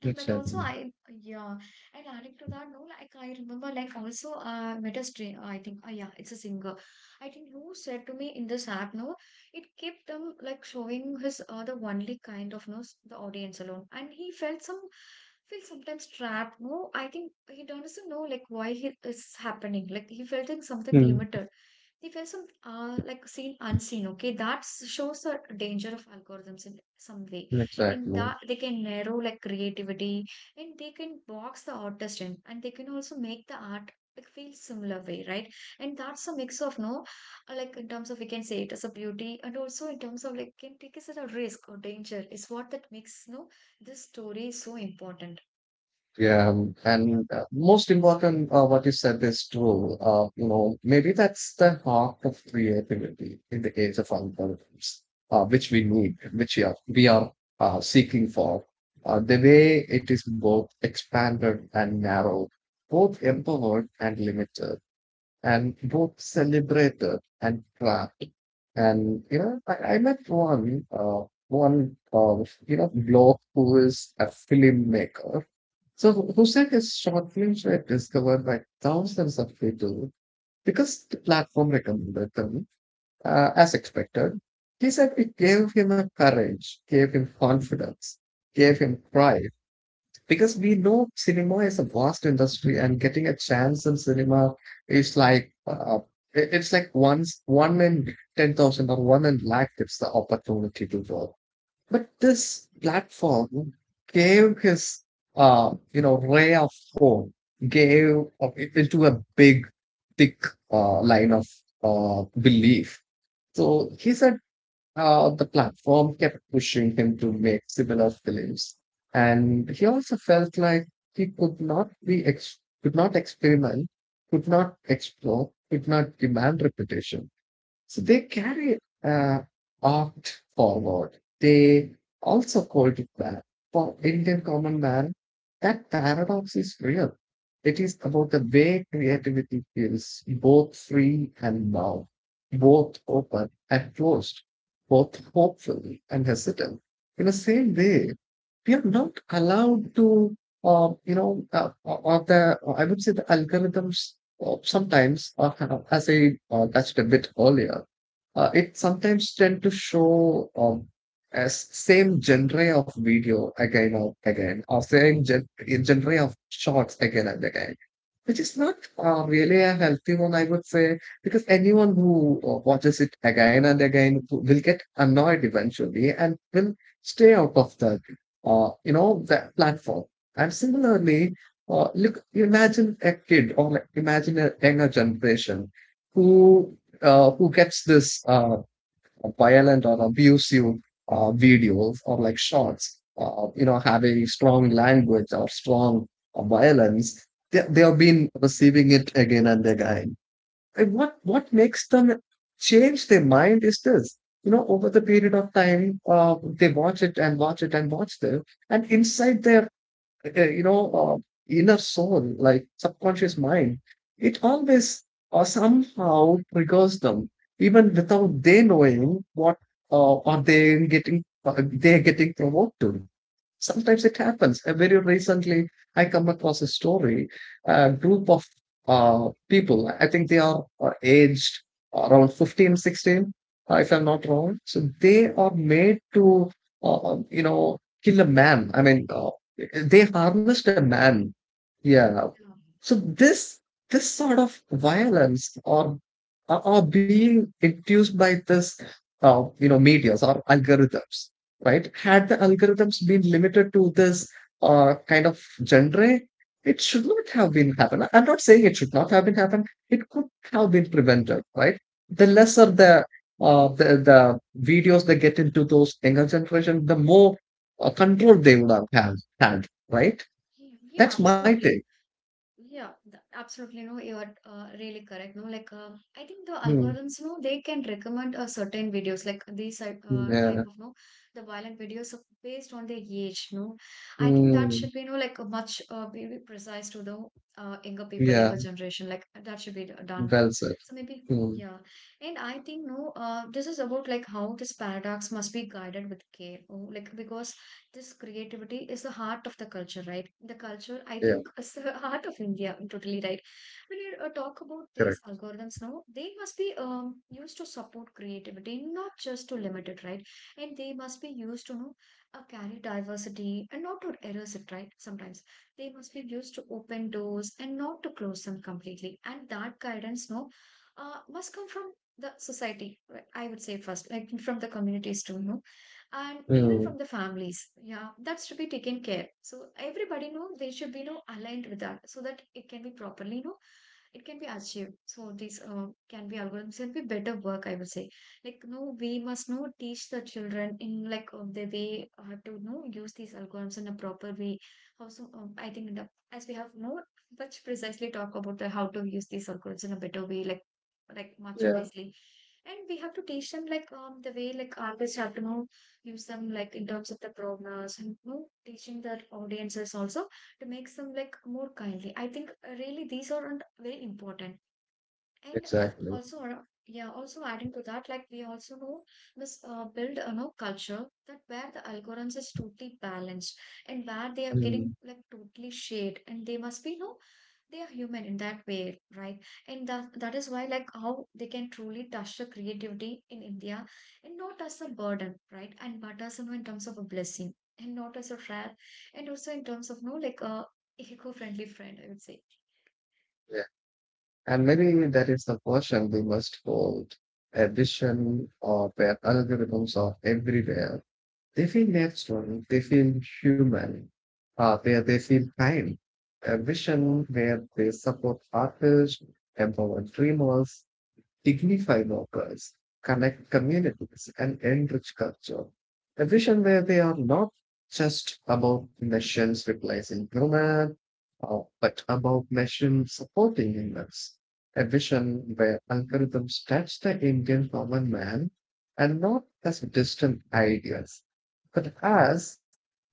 And but also exactly. I yeah, and adding to that, no, like I remember like also met a string I think yeah, it's a singer. I think who said to me in this app, no, it kept them like showing his the only kind of no the audience alone. And he felt some feel sometimes trapped. No, I think he doesn't know like why he is happening. Like he felt in something Mm. limited. They felt some like seen unseen. Okay, that shows the danger of algorithms in some way, and Exactly. that they can narrow like creativity, and they can box the artist in, and they can also make the art like feel similar way, right? And that's a mix of no, like in terms of we can say it as a beauty, and also in terms of like can take us at a risk or danger is what that makes no this story so important. Yeah, and most important, what you said is true. Maybe that's the heart of creativity in the age of algorithms, which we need, which we are seeking for. The way it is both expanded and narrowed, both empowered and limited, and both celebrated and trapped. And I met one bloke who is a filmmaker. So who said his short films were discovered by thousands of people because the platform recommended them, as expected. He said it gave him a courage, gave him confidence, gave him pride because we know cinema is a vast industry, and getting a chance in cinema is like it's like once one in 10,000 or one in lakh gets the opportunity to go. But this platform gave his ray of hope, gave into a big thick line of belief. So he's a The platform kept pushing him to make similar films, and he also felt like he could not experiment, could not explore, could not demand repetition. So they carry art forward. They also called it that for Indian common man. That paradox is real. It is about the way creativity feels both free and bound, both open and closed, both hopeful and hesitant. In the same way, we are not allowed to, you know, or the, I would say, the algorithms or sometimes, as I touched a bit earlier, it sometimes tend to show as same genre of video again and again, or genre of shots again and again, which is not really a healthy one, I would say, because anyone who watches it again and again will get annoyed eventually and will stay out of that, the platform. And similarly, look, imagine a kid, or like, imagine a younger generation who who gets this violent or abusive videos or like shots, having strong language or strong violence. They have been receiving it again and again. And what makes them change their mind is this. You know, over the period of time, they watch it and watch it and watch them, and inside their uh, you know uh, inner soul, like subconscious mind, it always somehow triggers them, even without they knowing what are they getting they're getting provoked to. Sometimes it happens. Very recently I come across a story. A group of people, I think they are aged around 15, 16, if I'm not wrong, so they are made to uh, you know kill a man. I mean, they harnessed Okay, a man. Yeah. yeah, So this sort of violence, or are being induced by this medias or algorithms, right? Had yeah. the algorithms been limited to this kind of genre, it should not have been happened. I'm not saying it should not have been happened, it could have been prevented, right? The lesser the the videos they get into those younger generation, the more control they would have had have, right? Yeah, yeah, That's my take. absolutely. Yeah, absolutely. No, you are really correct. No, I think the Hmm. algorithms, no, they can recommend certain videos, like Yeah. type of no, the violent videos based on their age. No, I think that Hmm. should be no, much be precise to the younger people, younger Yeah. generation. Like that should be done. Well said. So maybe Hmm. yeah, and I think no, this is about like how this paradox must be guided with care. Oh, like because this creativity is the heart of the culture, right? The culture, I Yeah. think, is the heart of India, totally right. When you talk about Correct. these algorithms now, they must be used to support creativity, not just to limit it, right? And they must be used to know, carry diversity and not to erase it, right? Sometimes they must be used to open doors and not to close them completely. And that guidance, no, must come from the society, right? I would say first, like from the communities too, no? And even Hmm. from the families, yeah, that should be taken care, so everybody know they should be, you know, aligned with that, so that it can be properly, it can be achieved. So these can be algorithms can be better work, I would say. Like no, we must know teach the children in like the way how to, you know, use these algorithms in a proper way. Also I think the, as we have more much precisely talk about the how to use these algorithms in a better way, like much Yeah. wisely, and we have to teach them like, um, the way like always have to know. Give some like in terms of the programs and, you know, teaching their audiences also to make some like more kindly. I think really these are very important. And Exactly. also, yeah, also adding to that, like we also know this build a know culture that where the algorithms is totally balanced, and where they are getting Hmm. like totally shade, and they must be, you know, they are human in that way, right? And that is why like how they can truly touch the creativity in India, and not as a burden, right? And but as you know, in terms of a blessing, and not as a wrath, and also in terms of no, like a eco-friendly friend, I would say. Yeah. And maybe that is the portion we must hold. A vision of where algorithms are everywhere. They feel natural. They feel human. Where they feel kind. A vision where they support artists, empower dreamers, dignify workers, connect communities, and enrich culture. A vision where they are not just about machines replacing humans, but about machines supporting humans. A vision where algorithms touch the Indian common man and not as distant ideas, but as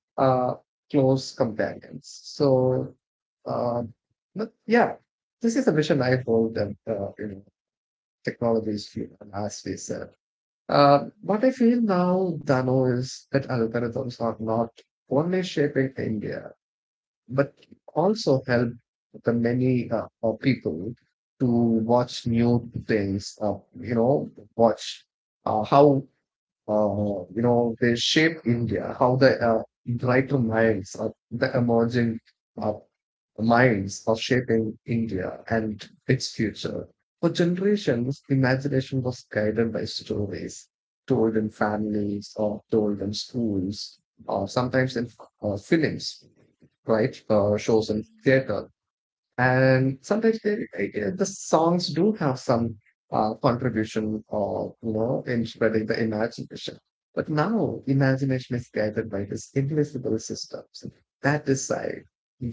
uh, close companions. Uh, but yeah, this is a vision I hold, and technologies feel, as we said. What I feel now, Dano, is that algorithms are not only shaping India, but also help the many people to watch new things, you know, watch how they shape India, how the brighter minds of the emerging uh, minds are shaping India and its future. For generations, imagination was guided by stories told in families or told in schools, or sometimes in films, right? Shows in Yeah. theater, and sometimes they, like, the songs do have some contribution, or you know, in spreading the imagination. But now imagination is guided by this invisible systems that decide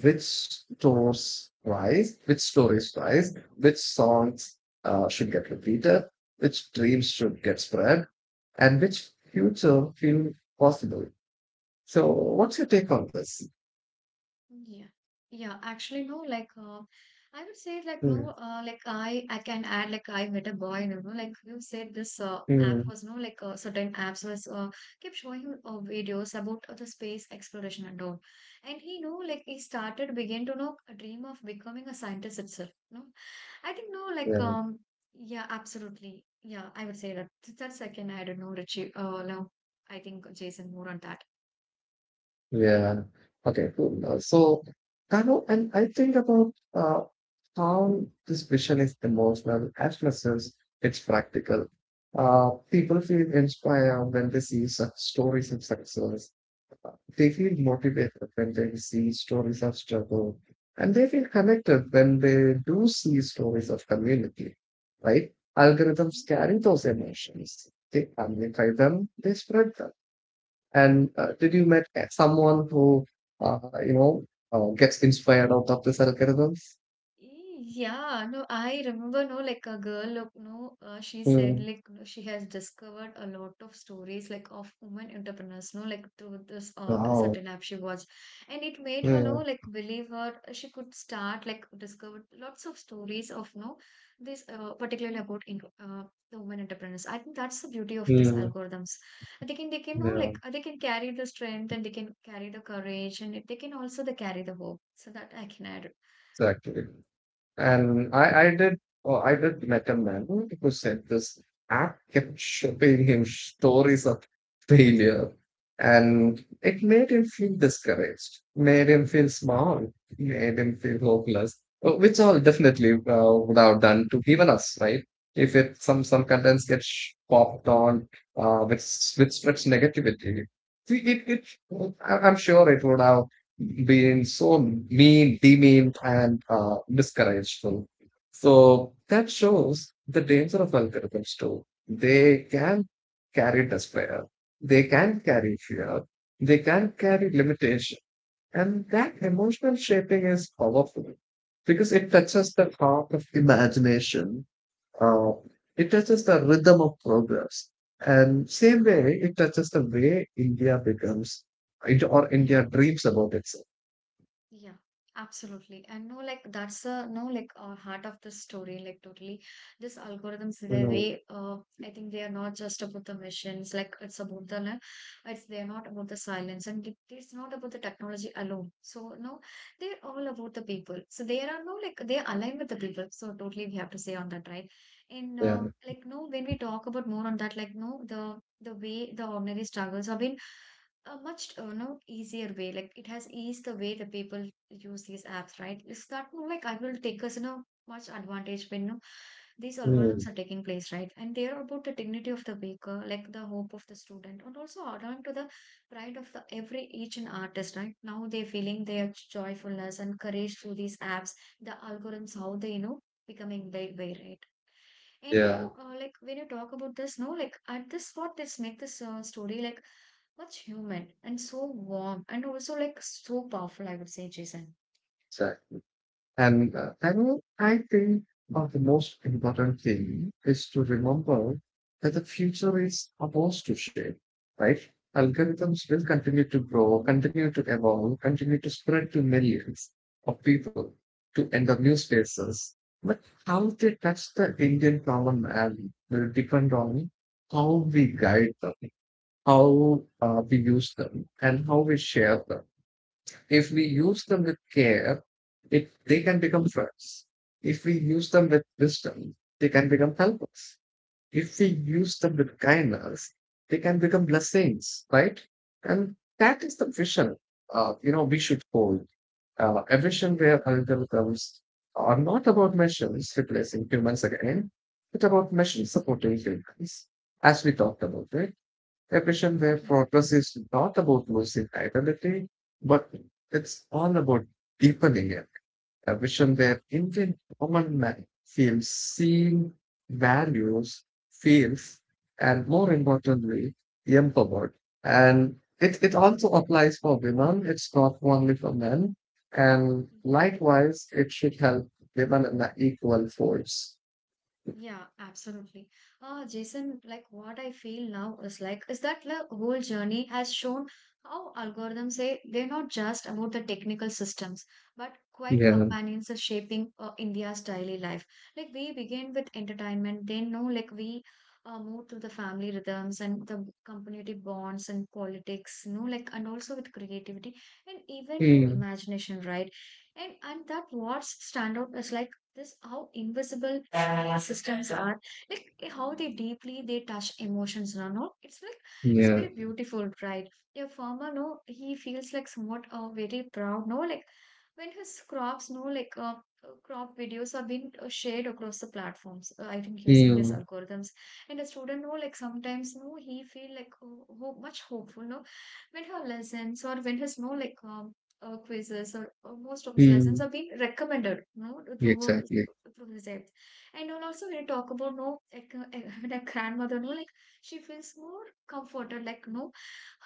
which stories rise, which songs should get repeated, which dreams should get spread, and which future feel possible. So what's your take on this? Yeah. Yeah, actually no, like I would say like Mm, no, like I can add, like I met a boy, you know, like you said this app mm. was no like certain apps was kept showing videos about the space exploration and all, and he know like he started begin to know a dream of becoming a scientist itself. No, I think no like, Yeah. um, yeah absolutely, yeah, I would say that. That's I can add, no, Richie, no, I think Jason more on that. Yeah. Okay, cool. So, Kano, and I think about how this vision is emotional as much as it's practical. People feel inspired when they see such stories of success. They feel motivated when they see stories of struggle. And they feel connected when they do see stories of community, right? Algorithms carry those emotions. They amplify them, they spread them. And Yeah. did you met someone who, uh, you know, gets inspired out of these algorithms? E yeah, no, I remember, no, like a girl, look, no, she said, Mm. like, no, she has discovered a lot of stories, like, of women entrepreneurs, no, like, through this Oh, certain app she watched. And it made her, no, yeah, like, believe her, she could start, like, discover lots of stories of, no, this, particularly about in, the women entrepreneurs. I think that's the beauty of this mm, algorithms. They can, no, yeah, like, they can carry the strength, and they can carry the courage, and they can also they carry the hope. So that I can add. exactly. And I did, oh, I did met a man who said this app kept showing him stories of failure, and it made him feel discouraged, made him feel small, made him feel hopeless, which all definitely would have done to even us, right? If it some contents popped on, which spreads negativity, we it it I- I'm sure it would have being so mean, demean, and discourageful. So that shows the danger of algorithms too. They can carry despair, they can carry fear, they can carry limitation. And that emotional shaping is powerful because it touches the heart of imagination, uh, it touches the rhythm of progress. And same way, it touches the way India becomes or Yeah. India dreams about itself. Yeah, absolutely. And no, like that's a no, like heart of the story. Like totally, this algorithms Mm. they I think they are not just about the machines. Like it's about the no, it's they are not about the silence, and it's not about the technology alone. So no, they're all about the people. So they are no like they are aligned with the people. So totally, we have to say on that, right? And Yeah. Like no, when we talk about more on that, like no, the way the ordinary struggles have been a much no easier way. Like it has eased the way the people use these apps, right? It's not like I will take us, you know, much advantage when, you know, these algorithms Mm. are taking place, right? And they are about the dignity of the baker, like the hope of the student, and also adhering to the pride of the every each and artist, right? Now they're feeling their joyfulness and courage through these apps, the algorithms, how they, you know, becoming their way, right? And Yeah. no, like when you talk about this, no, like at this what this make this story like much human and so warm and also like so powerful, I would say, Jason. Exactly. And I mean, I think of the most important thing is to remember that the future is ours to shape, right? Algorithms will continue to grow, continue to evolve, continue to spread to millions of people, to enter new spaces. But how they touch the Indian common man will depend on how we guide them, how we use them, and how we share them. If we use them with care, it, they can become friends. If we use them with wisdom, they can become helpers. If we use them with kindness, they can become blessings, right? And that is the vision, we should hold. A vision where algorithms are not about machines replacing humans again, but about machines supporting humans, as we talked about it. A vision where progress is not about losing identity, but it's all about deepening it. A vision where Indian common man feels seen, values, feels, and more importantly, empowered. And it also applies for women, it's not only for men. And likewise, it should help women in the equal force. Yeah, absolutely. Jason, like what I feel now is like is that the whole journey has shown how algorithms say they're not just about the technical systems, but quite Yeah. companions are shaping India's daily life. Like we begin with entertainment, then know like we move to the family rhythms and the community bonds and politics, you know, like and also with creativity and even to Mm. imagination, right? And that what stand out is like this how invisible systems are like how they deeply they touch emotions, no? No, it's like it's Yeah. very beautiful, right? A farmer, no, he feels like somewhat very proud, no, like when his crops no like crop videos are being shared across the platforms. I think using these Mm. algorithms, and a student, no, like sometimes no he feel like, oh, much hopeful, no, when he listens or when his no like, quizzes or most of his lessons Mm. are being recommended, you know, through Exactly. through his apps. And then also when you talk about no, like, when a grandmother, no, like she feels more comforted, like no,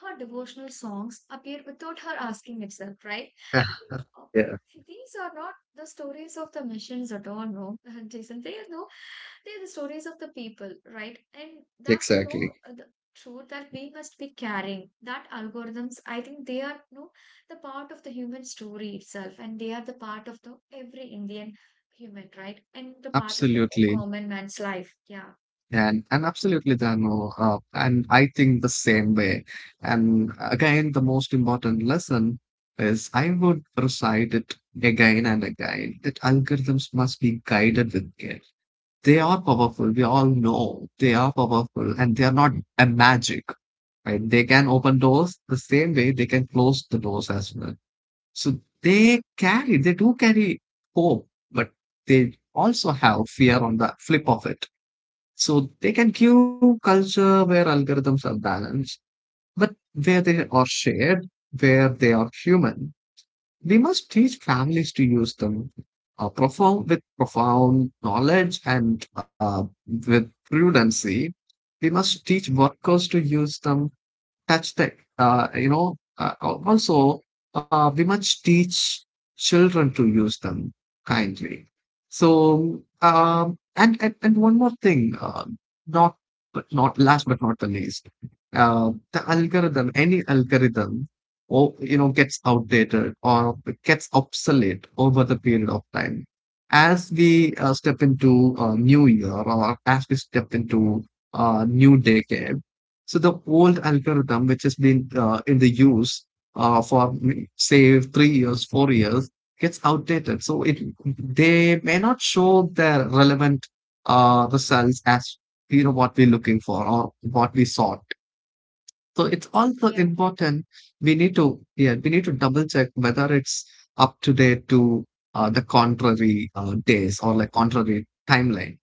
her devotional songs appear without her asking itself, right? I Ah, think yeah, these are not the stories of the missions at all, no, Jason. They are no, they are the stories of the people, right? And that's the no, exactly. The truth that we must be carrying. That algorithms, I think they are no the part of the human story itself, and they are the part of the every Indian human, right? And the part of the Absolutely. common man's life. Yeah. And absolutely, Dano. And I think the same way. And again, the most important lesson is I would recite it again and again that algorithms must be guided with care. They are powerful. We all know they are powerful and they are not a magic, right? They can open doors the same way they can close the doors as well. So they carry, they do carry hope, but they also have fear on the flip of it. So they can give culture where algorithms are balanced, but where they are shared, where they are human. We must teach families to use them profound, with profound knowledge and with prudency. We must teach workers to use them touch tech. You know, al- also We must teach children to use them kindly. So and one more thing, not not last but not the least, the algorithm, any algorithm, or you know, gets outdated or gets obsolete over the period of time. As we step into a new year, or as we step into a new decade, so the old algorithm, which has been in the use for say 3 years, 4 years, gets outdated. So it they may not show their relevant results as you know what we're looking for or what we sought. So it's also Yeah, important. We need to, yeah, we need to double check whether it's up to date to the contrary days or like contrary timeline.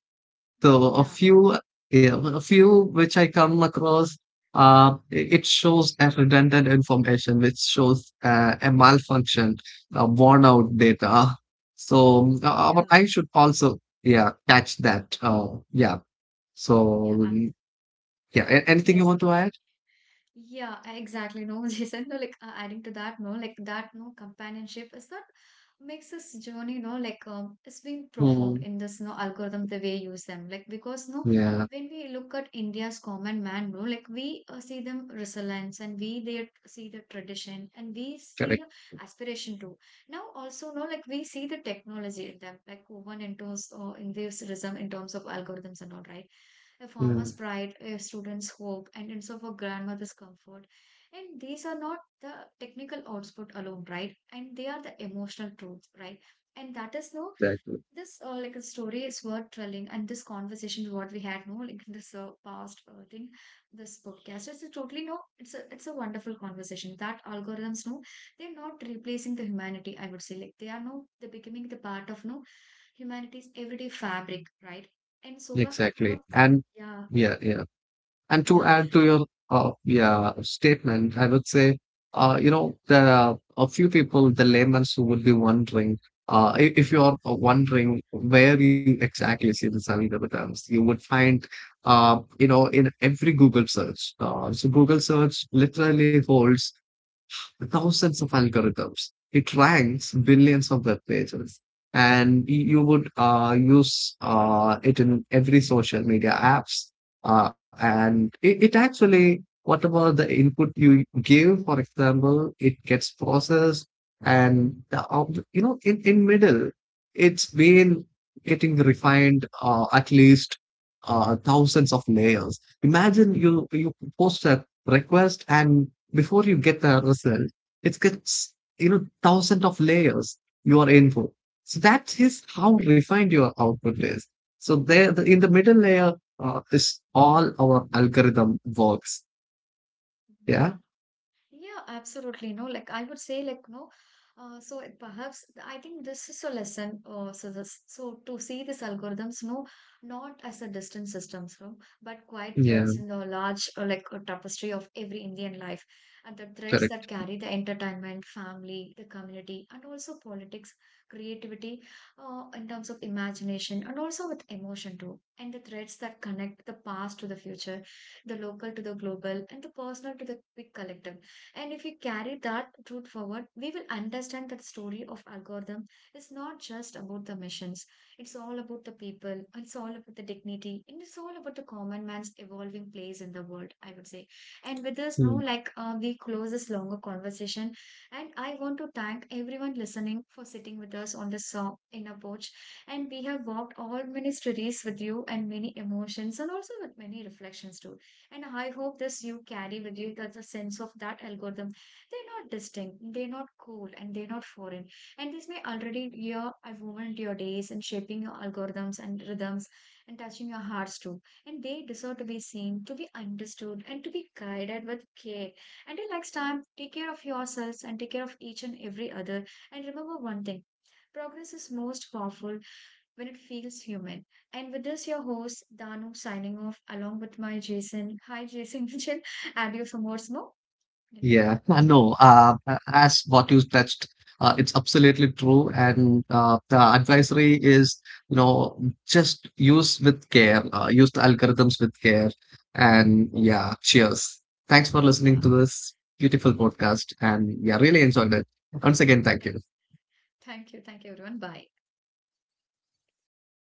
So a yeah, few, yeah, a few which I come across, it shows as redundant information, which shows a malfunction, worn out data. So but yeah, I should also, yeah, catch that. Yeah. yeah. So yeah, anything you Yes. want to add? Yeah, I- exactly. No, Jason, no, like adding to that, no, like that, no, companionship is that makes this journey, no, like, it's been Hmm. profound in this, no, algorithm, the way you use them. Like, because, no, Yeah, when we look at India's common man, no, like we see them resilience and we they see the tradition and we see correct. the aspiration too. Now, also, no, like we see the technology in them, like woven into, in this rhythm in terms of algorithms and all, right? A Hmm. farmer's pride, a student's hope, and it's of a grandmother's comfort. And these are not the technical output alone, right? And they are the emotional truths, right? And that is no Exactly. this like a story is worth telling, and this conversation what we had, no, like in this past thing, this podcast is a totally no. It's a wonderful conversation that algorithms no, they're not replacing the humanity. I would say like they are no, they're becoming the part of no humanity's everyday fabric, right? And so, Exactly. but- And yeah, yeah, yeah. And to yeah, add to and your yeah statement, I would say, yeah, there are a few people, the laymen, who would be wondering, if you are wondering where you exactly see the Sami Devatams, you would find, in every Google search. So Google search literally holds thousands of algorithms. It ranks billions of web pages, and you would use it in every social media apps. And it actually, whatever the input you give, for example, it gets processed, and the, you know, in middle, it's been getting refined at least thousands of layers. Imagine you post a request and before you get the result, it gets, you know, thousands of layers you are in for. So that is how refined your output is. So there, the, in the middle layer is all our algorithm works. okay. Yeah. Yeah. Yeah, absolutely. No, like I would say, like no, so it perhaps I think this is a lesson. So this, so to see these algorithms, no, not as a distant systems, no, but quite Yeah. threads in the large, like a tapestry of every Indian life, and the threads that Correct. carry the entertainment, family, the community, and also politics, creativity, in terms of imagination, and also with emotion too, and the threads that connect the past to the future, the local to the global, and the personal to the big collective. And if we carry that truth forward, we will understand that the story of algorithm is not just about the missions. It's all about the people, it's all about the dignity, and it's all about the common man's evolving place in the world, I would say. And with this, no, Hmm. like we close this longer conversation. And I want to thank everyone listening for sitting with us on this inner porch. And we have walked all many stories with you and many emotions and also with many reflections too. And I hope this you carry with you that's a sense of that algorithm. They're not distinct, they're not cool, and they're not foreign. And this may already your have woven your days and shaping your algorithms and rhythms and touching your hearts too. And they deserve to be seen, to be understood, and to be guided with care. Until next time, take care of yourselves and take care of each and every other. And remember one thing, progress is most powerful when it feels human. And with this, your host, Danu, signing off along with my Jason. Hi, Jason Mitchell. And you for more smoke. Yeah, I know. As what you touched, it's absolutely true. And the advisory is, you know, just use with care, use the algorithms with care. And yeah, cheers. Thanks for Yeah, listening to this beautiful podcast. And yeah, really enjoyed it. Once again, thank yeah. you. Thank you. Thank you, everyone. Bye.